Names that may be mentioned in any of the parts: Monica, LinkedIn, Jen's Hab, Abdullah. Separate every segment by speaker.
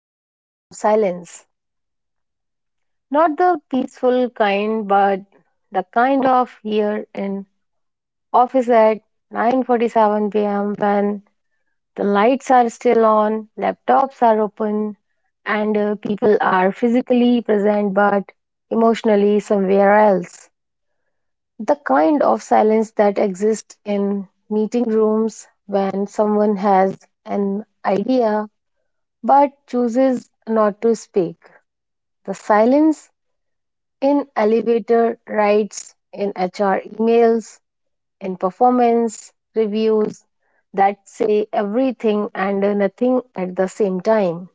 Speaker 1: born from silence. Not the peaceful kind, but the kind of here in office at 9:47 p.m. when the lights are still on, laptops are open, and people are physically present but emotionally somewhere else. The kind of silence that exists in meeting rooms when someone has an idea but chooses not to speak. The silence in elevator rides, in HR emails, in performance reviews that say everything and nothing at the same time.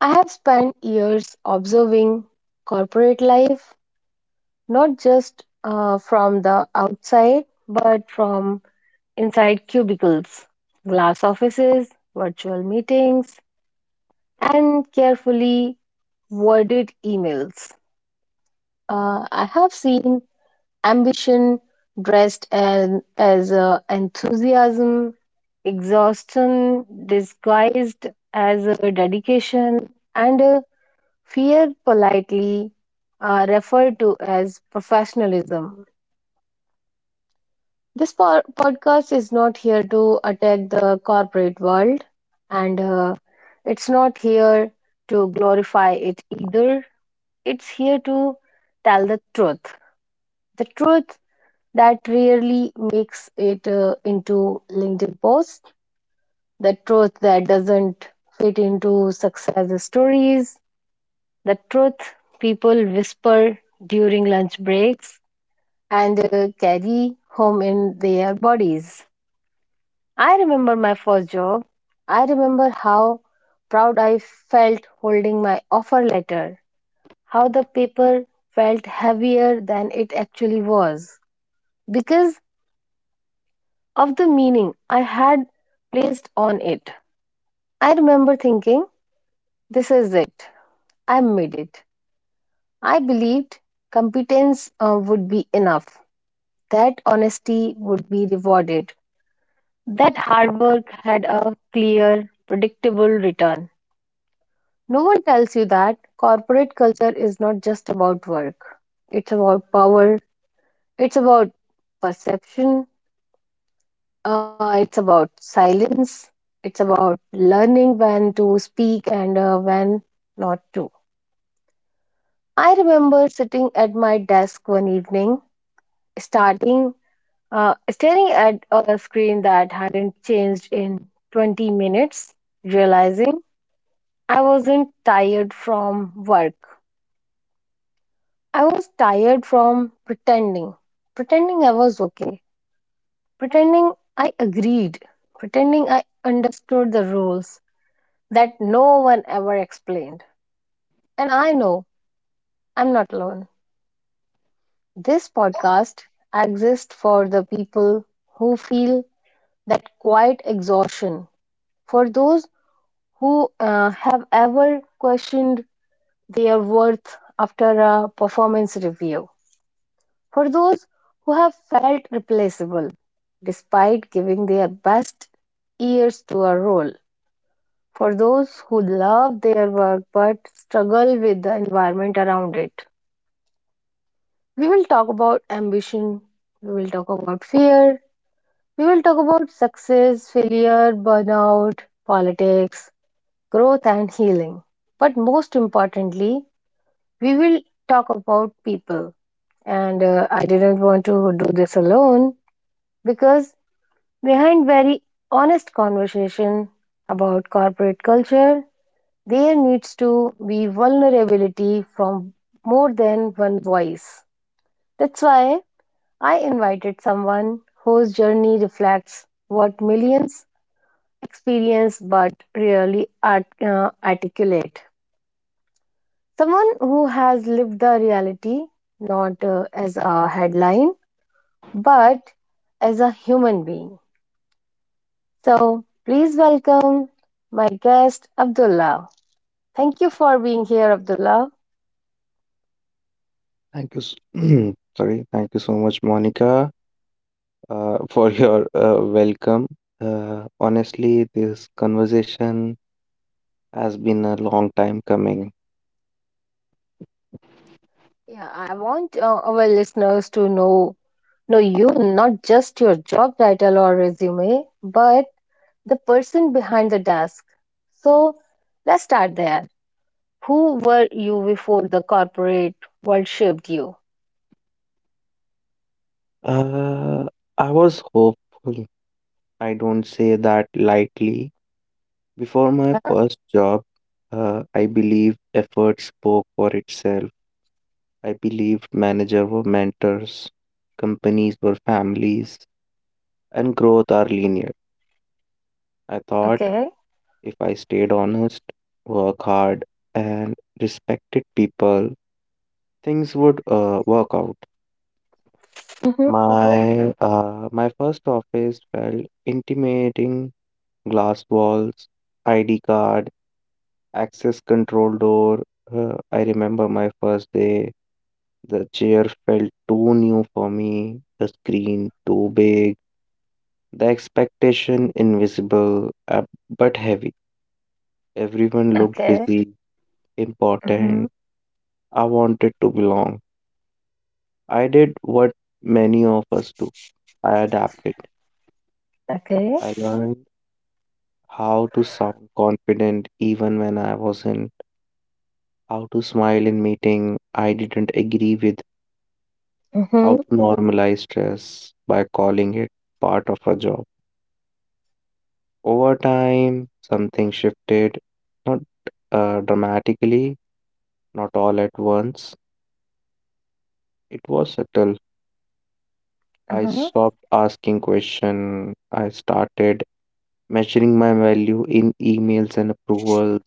Speaker 1: I have spent years observing corporate life, not just from the outside, but from inside cubicles, glass offices, virtual meetings, and carefully worded emails. I have seen ambition dressed as enthusiasm, exhaustion disguised as a dedication, and a fear, politely referred to as professionalism. This podcast is not here to attack the corporate world, and it's not here to glorify it either. It's here to tell the truth. The truth that rarely makes it into LinkedIn posts, the truth that doesn't fit into success stories, the truth people whisper during lunch breaks and carry home in their bodies. I remember my first job. I remember how proud I felt holding my offer letter, how the paper felt heavier than it actually was because of the meaning I had placed on it. I remember thinking, this is it. I made it. I believed competence would be enough, that honesty would be rewarded, that hard work had a clear, predictable return. No one tells you that corporate culture is not just about work. It's about power, it's about perception, it's about silence, it's about learning when to speak and when not to. I remember sitting at my desk one evening, starting staring at a screen that hadn't changed in 20 minutes, realizing I wasn't tired from work. I was tired from pretending. Pretending I was okay. Pretending I agreed. Pretending I understood the rules that no one ever explained. And I know I'm not alone. This podcast exists for the people who feel that quiet exhaustion, for those who have ever questioned their worth after a performance review. For those who have felt replaceable despite giving their best years to a role, for those who love their work but struggle with the environment around it. We will talk about ambition, we will talk about fear, we will talk about success, failure, burnout, politics, growth, and healing. But most importantly, we will talk about people. And I didn't want to do this alone because behind very honest conversation about corporate culture, there needs to be vulnerability from more than one voice. That's why I invited someone whose journey reflects what millions experience but rarely articulate. Someone who has lived the reality not as a headline but as a human being. So, please welcome my guest, Abdullah. Thank you for being here, Abdullah.
Speaker 2: Thank you. S- Sorry. Thank you so much, Monica, for your welcome. Honestly, this conversation has been a long time coming.
Speaker 1: Yeah, I want our listeners to know you, not just your job title or resume, but the person behind the desk. So, let's start there. Who were you before the corporate world shaped you?
Speaker 2: Uh, I was hopeful. I don't say that lightly. Before my first job, I believed effort spoke for itself. I believed managers were mentors, companies were families, and growth are linear. I thought.
Speaker 1: Okay.
Speaker 2: If I stayed honest, work hard, and respected people, things would work out.
Speaker 1: Mm-hmm.
Speaker 2: My first office felt intimidating glass walls, ID card, access control door. I remember my first day. The chair felt too new for me, the screen too big, the expectation invisible but heavy. Everyone looked
Speaker 1: Okay.
Speaker 2: busy,
Speaker 1: Mm-hmm.
Speaker 2: important, I wanted to belong. I did what many of us do. I adapted.
Speaker 1: Okay.
Speaker 2: I learned how to sound confident even when I wasn't, how to smile in meeting I didn't agree with, how
Speaker 1: Mm-hmm.
Speaker 2: to normalize stress by calling it part of a job. Over time, something shifted, not dramatically, not all at once. It was subtle. I
Speaker 1: Uh-huh.
Speaker 2: stopped asking questions. I started measuring my value in emails and approvals.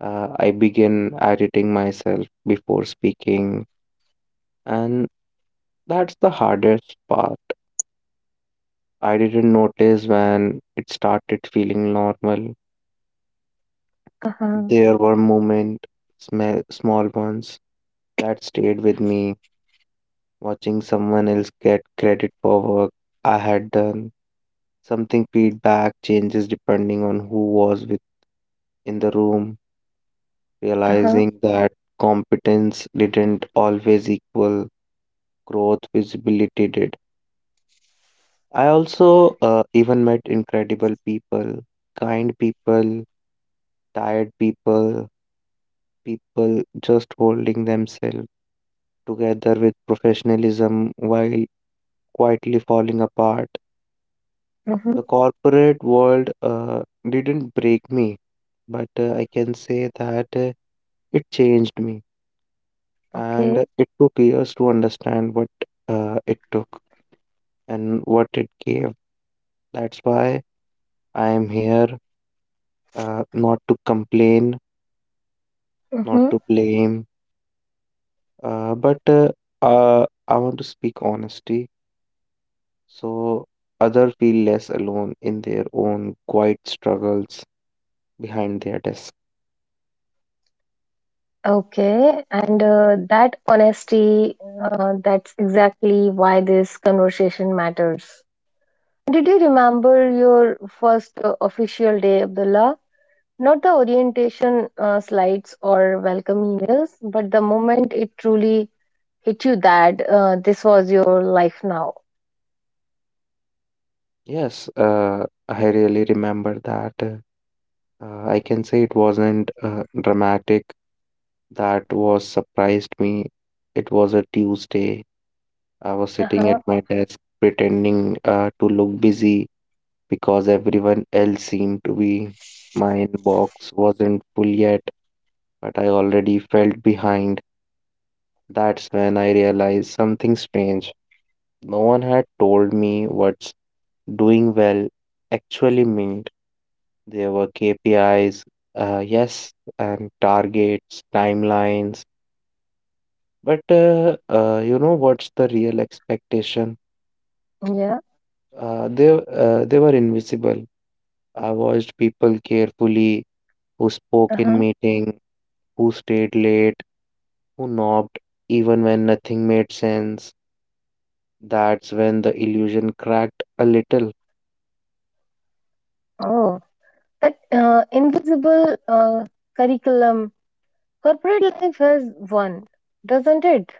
Speaker 2: I began editing myself before speaking, and that's the hardest part. I didn't notice when it started feeling normal.
Speaker 1: Uh-huh.
Speaker 2: There were moments, small ones, that stayed with me. Watching someone else get credit for work I had done, something feedback changes depending on who was with in the room.
Speaker 1: Uh-huh.
Speaker 2: Realizing that competence didn't always equal growth visibility did. I also even met incredible people, kind people, tired people, people just holding themselves together with professionalism while quietly falling apart.
Speaker 1: Mm-hmm.
Speaker 2: The corporate world didn't break me, but I can say that it changed me, and
Speaker 1: Okay.
Speaker 2: it took years to understand what it took and what it gave. That's why I am here, not to complain, not to blame, but I want to speak honesty so other feel less alone in their own quiet struggles behind their desk.
Speaker 1: Okay, and that honesty, that's exactly why this conversation matters. Did you remember your first official day, Abdullah? Not the orientation slides or welcome emails, but the moment it truly hit you that this was your life now.
Speaker 2: Yes, I really remember that. I can say it wasn't dramatic. That was surprised me. It was a Tuesday. I was
Speaker 1: Uh
Speaker 2: sitting
Speaker 1: huh.
Speaker 2: at my desk pretending to look busy because everyone else seemed to be. My inbox wasn't full yet, but I already felt behind. That's when I realized something strange. No one had told me what's doing well actually meant. There were KPIs, yes, and targets, timelines. But you know what's the real expectation?
Speaker 1: Yeah.
Speaker 2: They, they were invisible. I watched people carefully, who spoke
Speaker 1: Uh
Speaker 2: in
Speaker 1: huh.
Speaker 2: meeting, who stayed late, who knocked even when nothing made sense. That's when the illusion cracked a little.
Speaker 1: Oh, that invisible curriculum. Corporate life has one, doesn't it?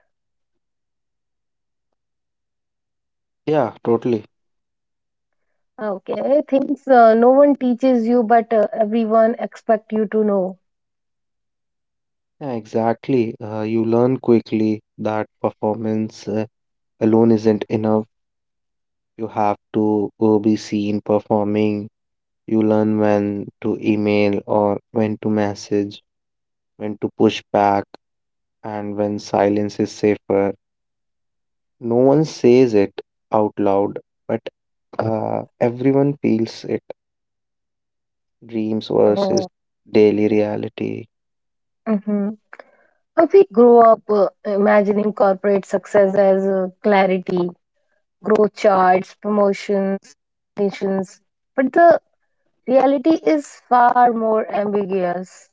Speaker 2: Yeah, totally.
Speaker 1: Okay, things no one teaches you, but everyone expect you to know.
Speaker 2: Yeah, exactly. You learn quickly that performance alone isn't enough. You have to be seen performing. You learn when to email or when to message, when to push back and when silence is safer. No one says it out loud, but everyone feels it. Dreams versus
Speaker 1: Oh.
Speaker 2: daily reality.
Speaker 1: Hmm. We grow up imagining corporate success as clarity, growth charts, promotions, recognitions, but the reality is far more ambiguous.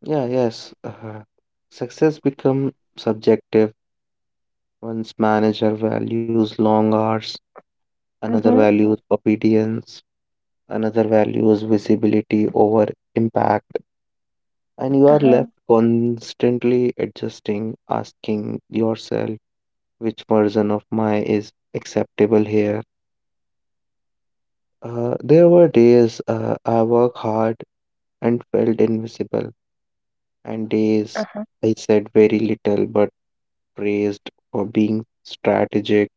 Speaker 2: Yeah, yes. Success become subjective. One's manager values long hours, another
Speaker 1: Mm-hmm.
Speaker 2: values obedience, another values visibility over impact, and you are
Speaker 1: Uh-huh.
Speaker 2: left constantly adjusting, asking yourself which version of my is acceptable here. There were days I worked hard and felt invisible, and days
Speaker 1: Uh-huh.
Speaker 2: I said very little but praised for being strategic.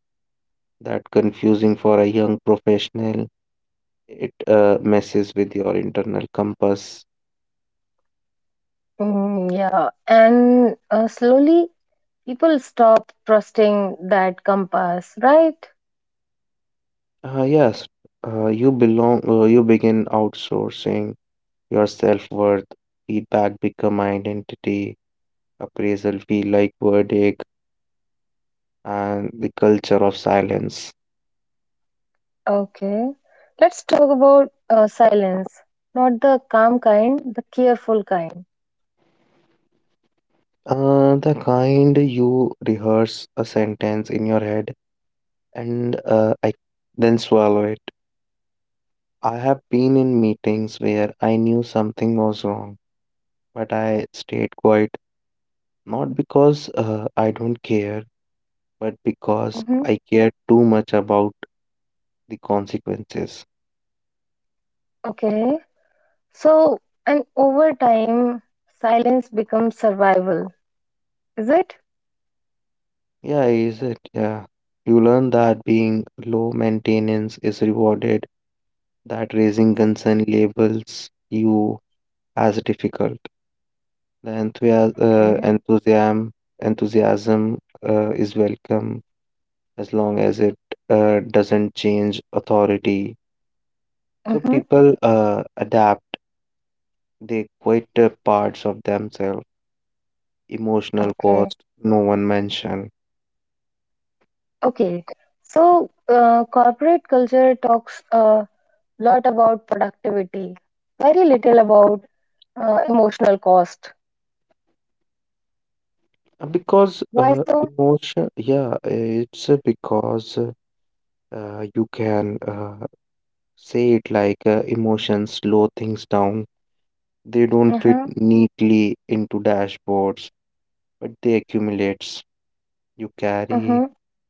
Speaker 2: That confusing for a young professional. It messes with your internal compass.
Speaker 1: Mm, yeah, and slowly people stop trusting that compass, right?
Speaker 2: Yes, you belong. You begin outsourcing your self worth. Feedback become identity. Appraisal feel like verdict and the culture of silence.
Speaker 1: Okay. Let's talk about silence. Not the calm kind, the careful kind.
Speaker 2: The kind you rehearse a sentence in your head and I then swallow it. I have been in meetings where I knew something was wrong, but I stayed quiet, not because I don't care, but because
Speaker 1: Hmm.
Speaker 2: I care too much about the consequences.
Speaker 1: Okay. So, and over time, silence becomes survival. Is it?
Speaker 2: Yeah, is it? Yeah. You learn that being low maintenance is rewarded, that raising concern labels you as difficult. The enthusiasm, uh,
Speaker 1: Okay.
Speaker 2: enthusiasm, enthusiasm is welcome as long as it doesn't change authority. So
Speaker 1: Mm-hmm.
Speaker 2: people adapt. They quit parts of themselves. Emotional
Speaker 1: Okay.
Speaker 2: cost, no one mention.
Speaker 1: Okay. So, corporate culture talks a lot about productivity, very little about emotional cost.
Speaker 2: Because
Speaker 1: Why so?
Speaker 2: emotion. Yeah, it's because you can say it like emotions slow things down. They don't fit
Speaker 1: Uh-huh.
Speaker 2: neatly into dashboards, but they accumulates. You carry
Speaker 1: Uh-huh.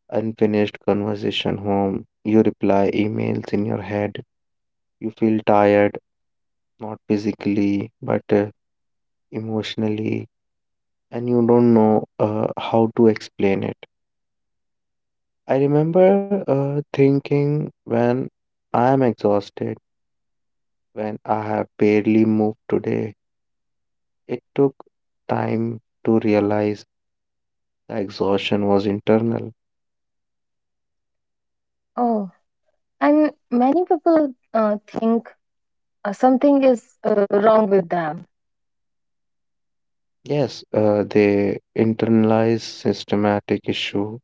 Speaker 2: unfinished conversation home. You reply emails in your head. You feel tired, not physically, but emotionally, and you don't know how to explain it. I remember thinking when I am exhausted, when I have barely moved today, it took time to realize the exhaustion was internal.
Speaker 1: Oh. And many people think something is wrong with them.
Speaker 2: Yes, they internalize systematic issue.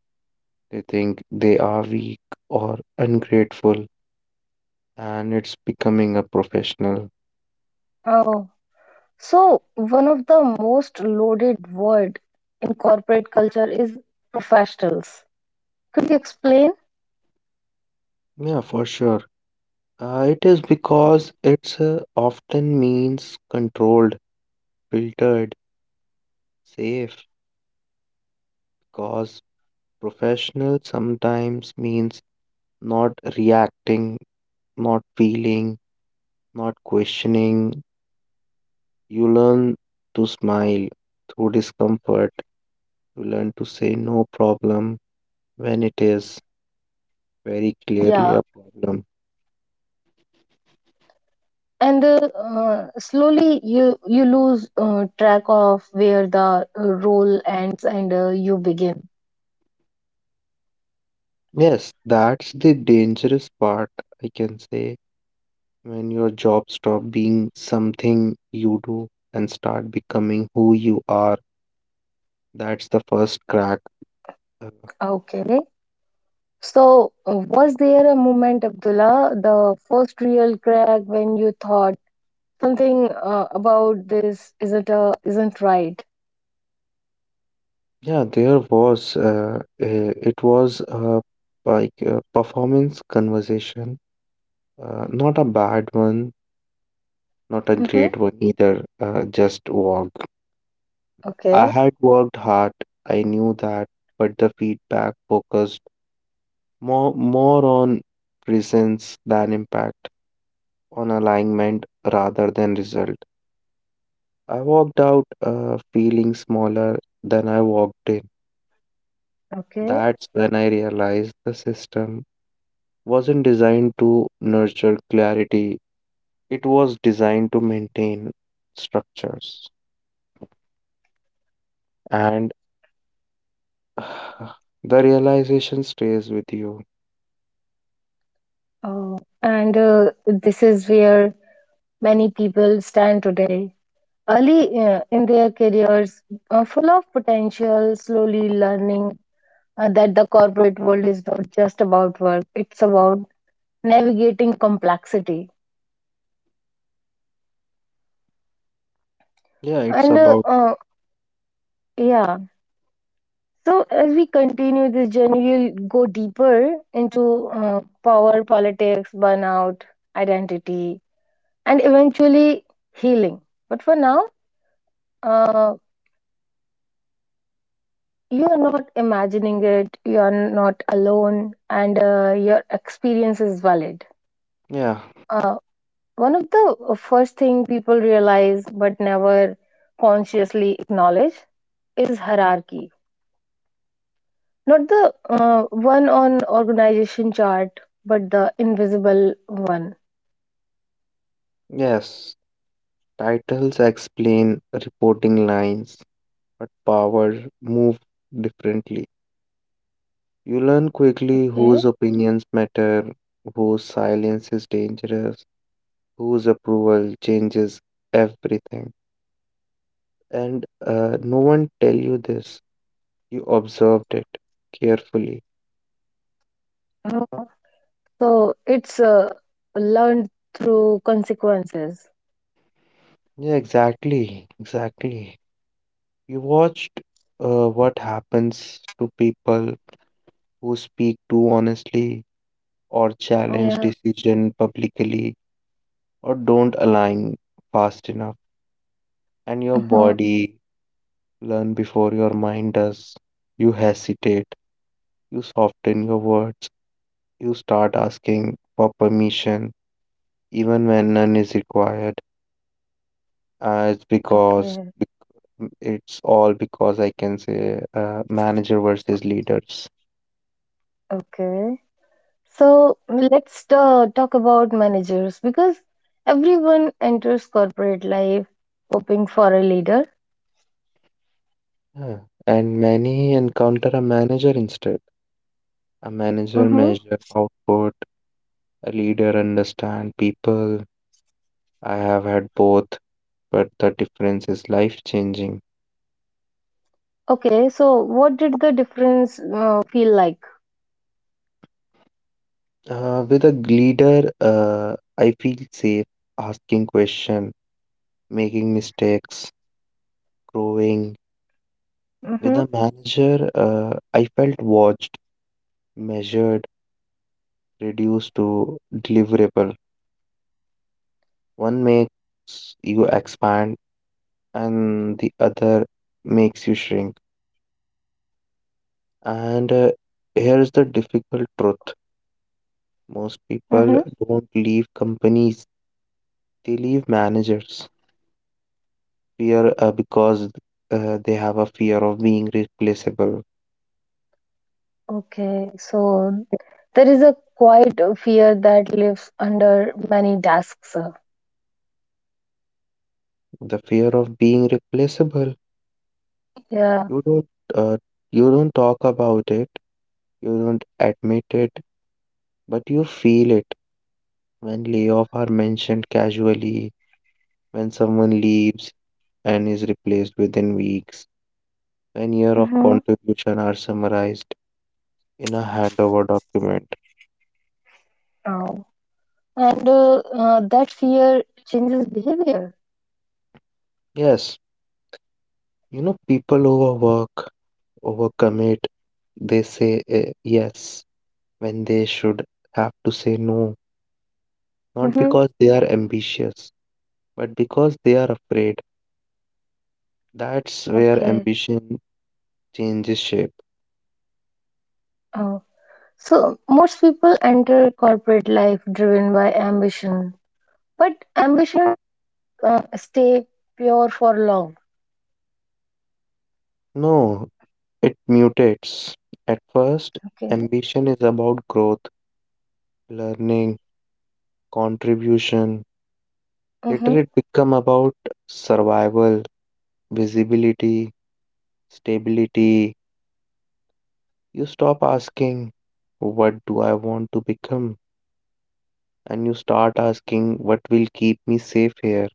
Speaker 2: They think they are weak or ungrateful, and it's becoming a professional.
Speaker 1: Oh, so one of the most loaded word in corporate culture is professionals. Could you explain?
Speaker 2: Yeah, for sure. It is because it's often means controlled, filtered, safe. Because professional sometimes means not reacting, not feeling, not questioning. You learn to smile through discomfort to learn to say no problem when it is very clearly
Speaker 1: Yeah,
Speaker 2: a problem.
Speaker 1: and slowly you lose track of where the role ends and you begin.
Speaker 2: Yes, that's the dangerous part, I can say, when your job stop being something you do and start becoming who you are. That's the first crack. Uh,
Speaker 1: Okay. So, was there a moment, Abdullah, the first real crack when you thought something about this isn't right?
Speaker 2: yeah, there was, it was like a performance conversation, not a bad one, not a
Speaker 1: Mm-hmm.
Speaker 2: great one either, just walk. I
Speaker 1: Okay.
Speaker 2: had worked hard, I knew that, but the feedback focused more on presence than impact, on alignment rather than result. I walked out feeling smaller than I walked in.
Speaker 1: Okay.
Speaker 2: That's when I realized the system wasn't designed to nurture clarity, it was designed to maintain structures. And the realization stays with you.
Speaker 1: Oh, and this is where many people stand today. Early in their careers, full of potential, slowly learning that the corporate world is not just about work, it's about navigating complexity.
Speaker 2: Yeah, it's
Speaker 1: And
Speaker 2: about,
Speaker 1: Yeah, so as we continue this journey, we'll go deeper into power, politics, burnout, identity, and eventually healing. But for now, uh, you are not imagining it. You are not alone and your experience is valid.
Speaker 2: yeah.
Speaker 1: uh, One of the first thing people realize but never consciously acknowledge is hierarchy, not the uh, one on organization chart but the invisible one.
Speaker 2: Yes, titles explain reporting lines, but powers move differently. You learn quickly
Speaker 1: Okay?
Speaker 2: whose opinions matter, whose silence is dangerous, whose approval changes everything. And no one tell you this. You observed it carefully.
Speaker 1: Uh, so it's learned through consequences.
Speaker 2: Yeah, exactly, exactly. You watched what happens to people who speak too honestly, or challenge
Speaker 1: Yeah.
Speaker 2: decision publicly, or don't align fast enough, and your
Speaker 1: Hmm.
Speaker 2: body learn before your mind does. You hesitate, you soften your words, you start asking for permission even when none is required. uh, it's because
Speaker 1: Okay.
Speaker 2: it's all because I can say manager versus leaders.
Speaker 1: Okay. So let's talk about managers because everyone enters corporate life hoping for a leader.
Speaker 2: Yeah. And many encounter a manager instead. A manager
Speaker 1: Mm-hmm.
Speaker 2: measure output, a leader understand people. I have had both, but the difference is life-changing.
Speaker 1: Okay, so what did the difference feel like?
Speaker 2: With a leader, I feel safe asking questions, making mistakes, growing. With
Speaker 1: Mm-hmm.
Speaker 2: a manager, I felt watched, measured, reduced to deliverable. One makes you expand, and the other makes you shrink. And here's the difficult truth. Most people
Speaker 1: Mm-hmm.
Speaker 2: don't leave companies, they leave managers. Fear because they have a fear of being replaceable.
Speaker 1: Okay, so there is a quiet fear that lives under many tasks.
Speaker 2: The fear of being replaceable,
Speaker 1: Yeah.
Speaker 2: you don't uh, you don't talk about it, you don't admit it, but you feel it when layoff are mentioned casually, when someone leaves and is replaced within weeks, when year of
Speaker 1: Mm-hmm.
Speaker 2: contribution are summarized in a handover document.
Speaker 1: Oh. And that fear changes behavior.
Speaker 2: Yes, you know people overwork, overcommit. They say yes when they should have to say no, not
Speaker 1: Mm-hmm.
Speaker 2: because they are ambitious, but because they are afraid. That's where
Speaker 1: Okay.
Speaker 2: ambition changes shape.
Speaker 1: Oh. So, most people enter corporate life driven by ambition, but ambition stay pure for long.
Speaker 2: No, it mutates. At first,
Speaker 1: Okay.
Speaker 2: ambition is about growth, learning, contribution. Later,
Speaker 1: Mm-hmm.
Speaker 2: it becomes about survival, visibility, stability. You stop asking, what do I want to become? And you start asking, what will keep me safe here?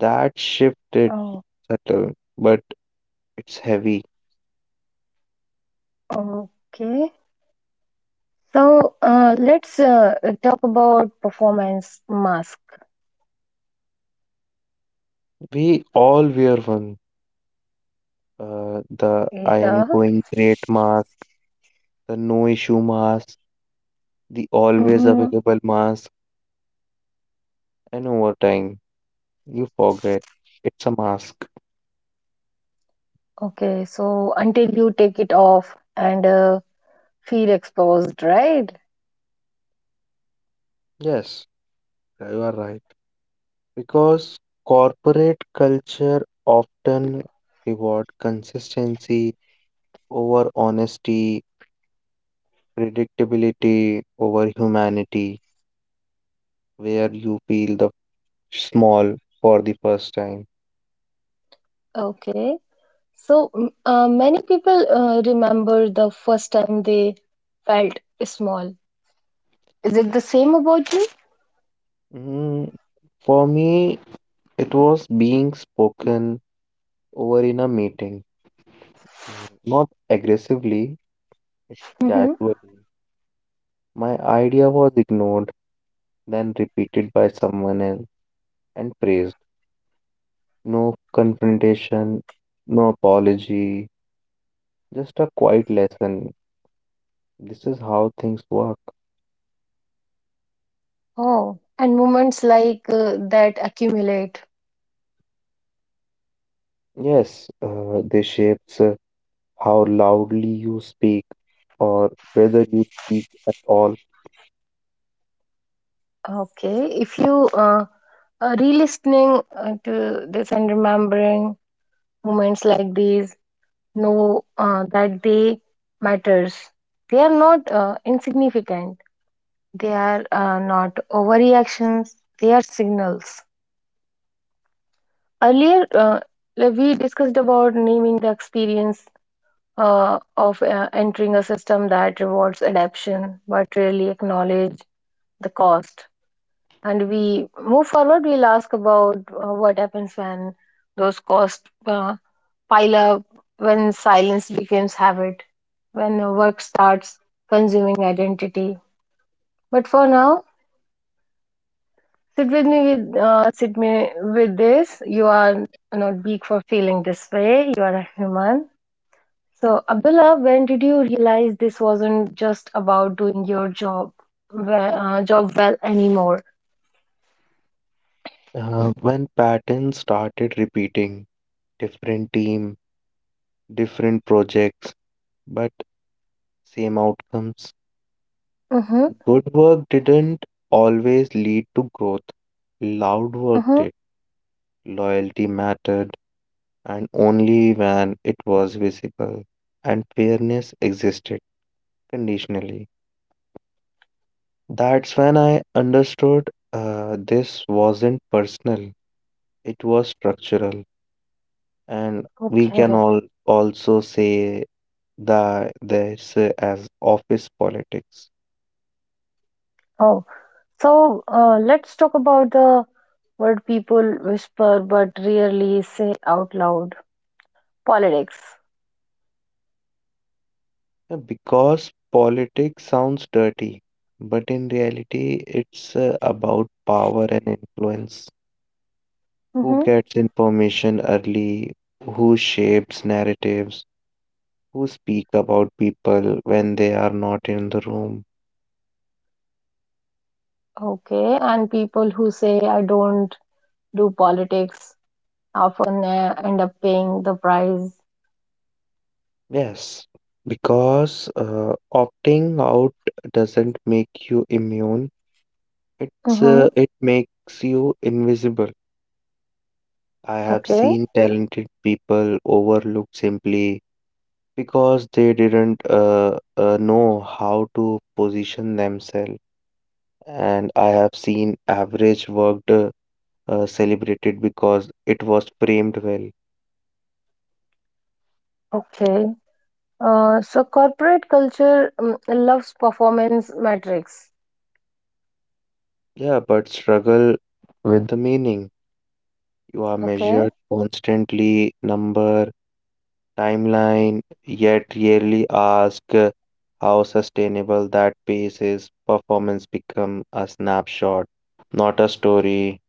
Speaker 2: That shift is
Speaker 1: Oh,
Speaker 2: subtle, but it's heavy.
Speaker 1: okay. So, let's talk about performance mask.
Speaker 2: We all wear one. The I am
Speaker 1: Yeah.
Speaker 2: going great mask, the no issue mask, the always
Speaker 1: Mm-hmm.
Speaker 2: available mask, and over time, you forget it's a mask.
Speaker 1: Okay. So, until you take it off and feel exposed, right?
Speaker 2: Yes, you are right. Because corporate culture often reward consistency over honesty, predictability over humanity, where you feel the small for the first time?
Speaker 1: Okay. So, many people remember the first time they felt small. Is it the same about you?
Speaker 2: Mm, for me, it was being spoken over in a meeting, mm, not aggressively, it's
Speaker 1: Hmm.
Speaker 2: casually. My idea was ignored, then repeated by someone else and praised. No confrontation, no apology, just a quiet lesson. This is how things work.
Speaker 1: Oh, and moments like that accumulate.
Speaker 2: Yes, they shapes how loudly you speak or whether you speak at all.
Speaker 1: Okay, if you re-listening to this and remembering moments like these, know that they matters. They are not insignificant. They are not overreactions. They are signals. Earlier, we discussed about naming the experience of entering a system that rewards adaption but really acknowledge the cost. And we move forward, we'll ask about what happens when those costs pile up, when silence becomes habit, when work starts consuming identity. But for now, sit me with this. You are not big for feeling this way. You are a human. So, Abdullah, when did you realize this wasn't just about doing your job job well anymore?
Speaker 2: When patterns started repeating, different team, different projects, but same outcomes.
Speaker 1: Mm-hmm,
Speaker 2: Good work didn't always lead to growth. Loud work
Speaker 1: mm-hmm.
Speaker 2: did. Loyalty mattered, and only when it was visible. And fairness existed conditionally. That's when I understood this wasn't personal, it was structural. And we can
Speaker 1: Okay.
Speaker 2: all also say the there's as office politics.
Speaker 1: Oh, so let's talk about the word people whisper but rarely say out loud. Politics.
Speaker 2: Because politics sounds dirty, but in reality it's about power and influence, who
Speaker 1: Mm-hmm.
Speaker 2: gets information early, who shapes narratives, who speak about people when they are not in the room.
Speaker 1: Okay, and people who say I don't do politics often end up paying the price.
Speaker 2: Yes, because opting out doesn't make you immune,
Speaker 1: Mm-hmm.
Speaker 2: it makes you invisible. I have
Speaker 1: Okay.
Speaker 2: seen talented people overlooked simply because they didn't know how to position themselves. And I have seen average worked celebrated because it was framed well.
Speaker 1: Okay. So corporate culture loves performance metrics,
Speaker 2: Yeah, but struggle with the meaning. You are
Speaker 1: okay?
Speaker 2: measured constantly number timeline, yet rarely ask how sustainable that pace is. Performance become a snapshot, not a story.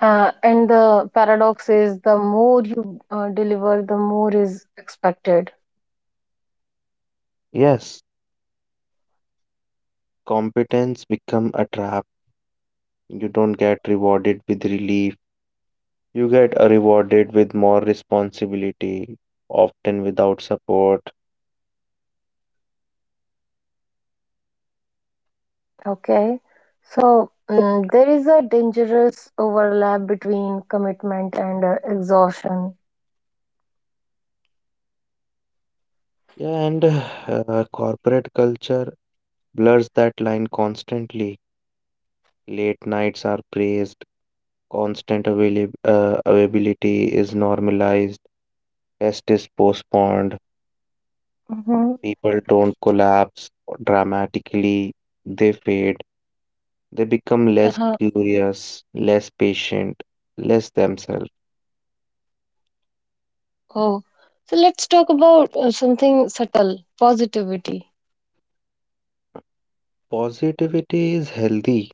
Speaker 1: And the paradox is the more you deliver, the more is expected,
Speaker 2: Yes, competence become a trap. You don't get rewarded with relief. You get rewarded with more responsibility, often without support.
Speaker 1: okay? So there is a dangerous overlap between commitment and exhaustion.
Speaker 2: Yeah, and corporate culture blurs that line constantly. Late nights are praised, constant availability is normalized, test is postponed,
Speaker 1: Hmm.
Speaker 2: people don't collapse dramatically, they fade, they become less
Speaker 1: Uh-huh.
Speaker 2: curious, less patient, less themselves.
Speaker 1: Oh, so let's talk about something subtle, positivity.
Speaker 2: Positivity is healthy,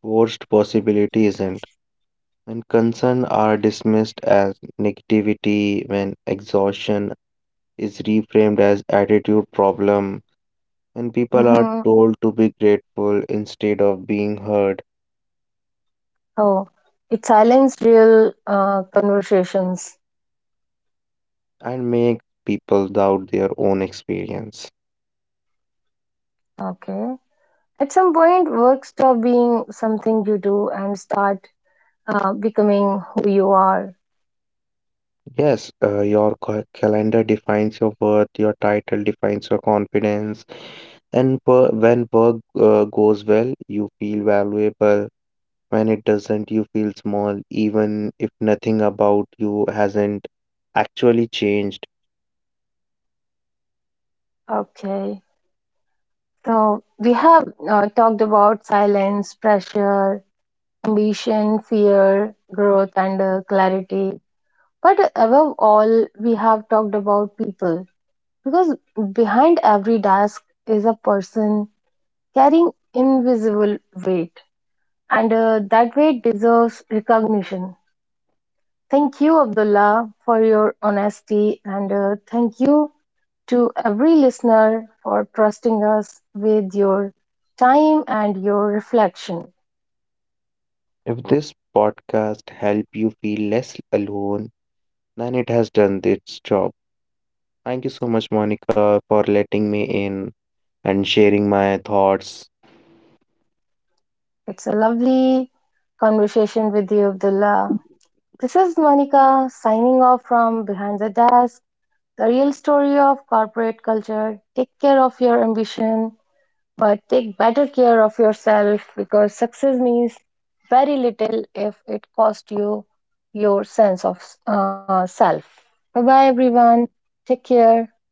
Speaker 2: forced possibility isn't. When concern are dismissed as negativity, when exhaustion is reframed as attitude problem, when people are
Speaker 1: Hmm.
Speaker 2: told to be grateful instead of being heard,
Speaker 1: Oh, it silenced real conversations.
Speaker 2: and make people doubt their own experience.
Speaker 1: Okay. At some point, work stop being something you do and start becoming who you are.
Speaker 2: Yes, your calendar defines your worth, your title defines your confidence, and when work goes well, you feel valuable. When it doesn't, you feel small, even if nothing about you hasn't actually changed.
Speaker 1: Okay, so we have talked about silence, pressure, ambition, fear, growth, and clarity. But above all, we have talked about people because behind every desk is a person carrying invisible weight, and that weight deserves recognition. Thank you, Abdullah, for your honesty, and thank you to every listener for trusting us with your time and your reflection.
Speaker 2: If this podcast help you feel less alone, then it has done its job. Thank you so much, Monica, for letting me in and sharing my thoughts.
Speaker 1: It's a lovely conversation with you, Abdullah. This is Monica signing off from Behind the Desk, the real story of corporate culture. Take care of your ambition. But take better care of yourself because success means very little if it costs you your sense of self. Bye bye, everyone. Take care.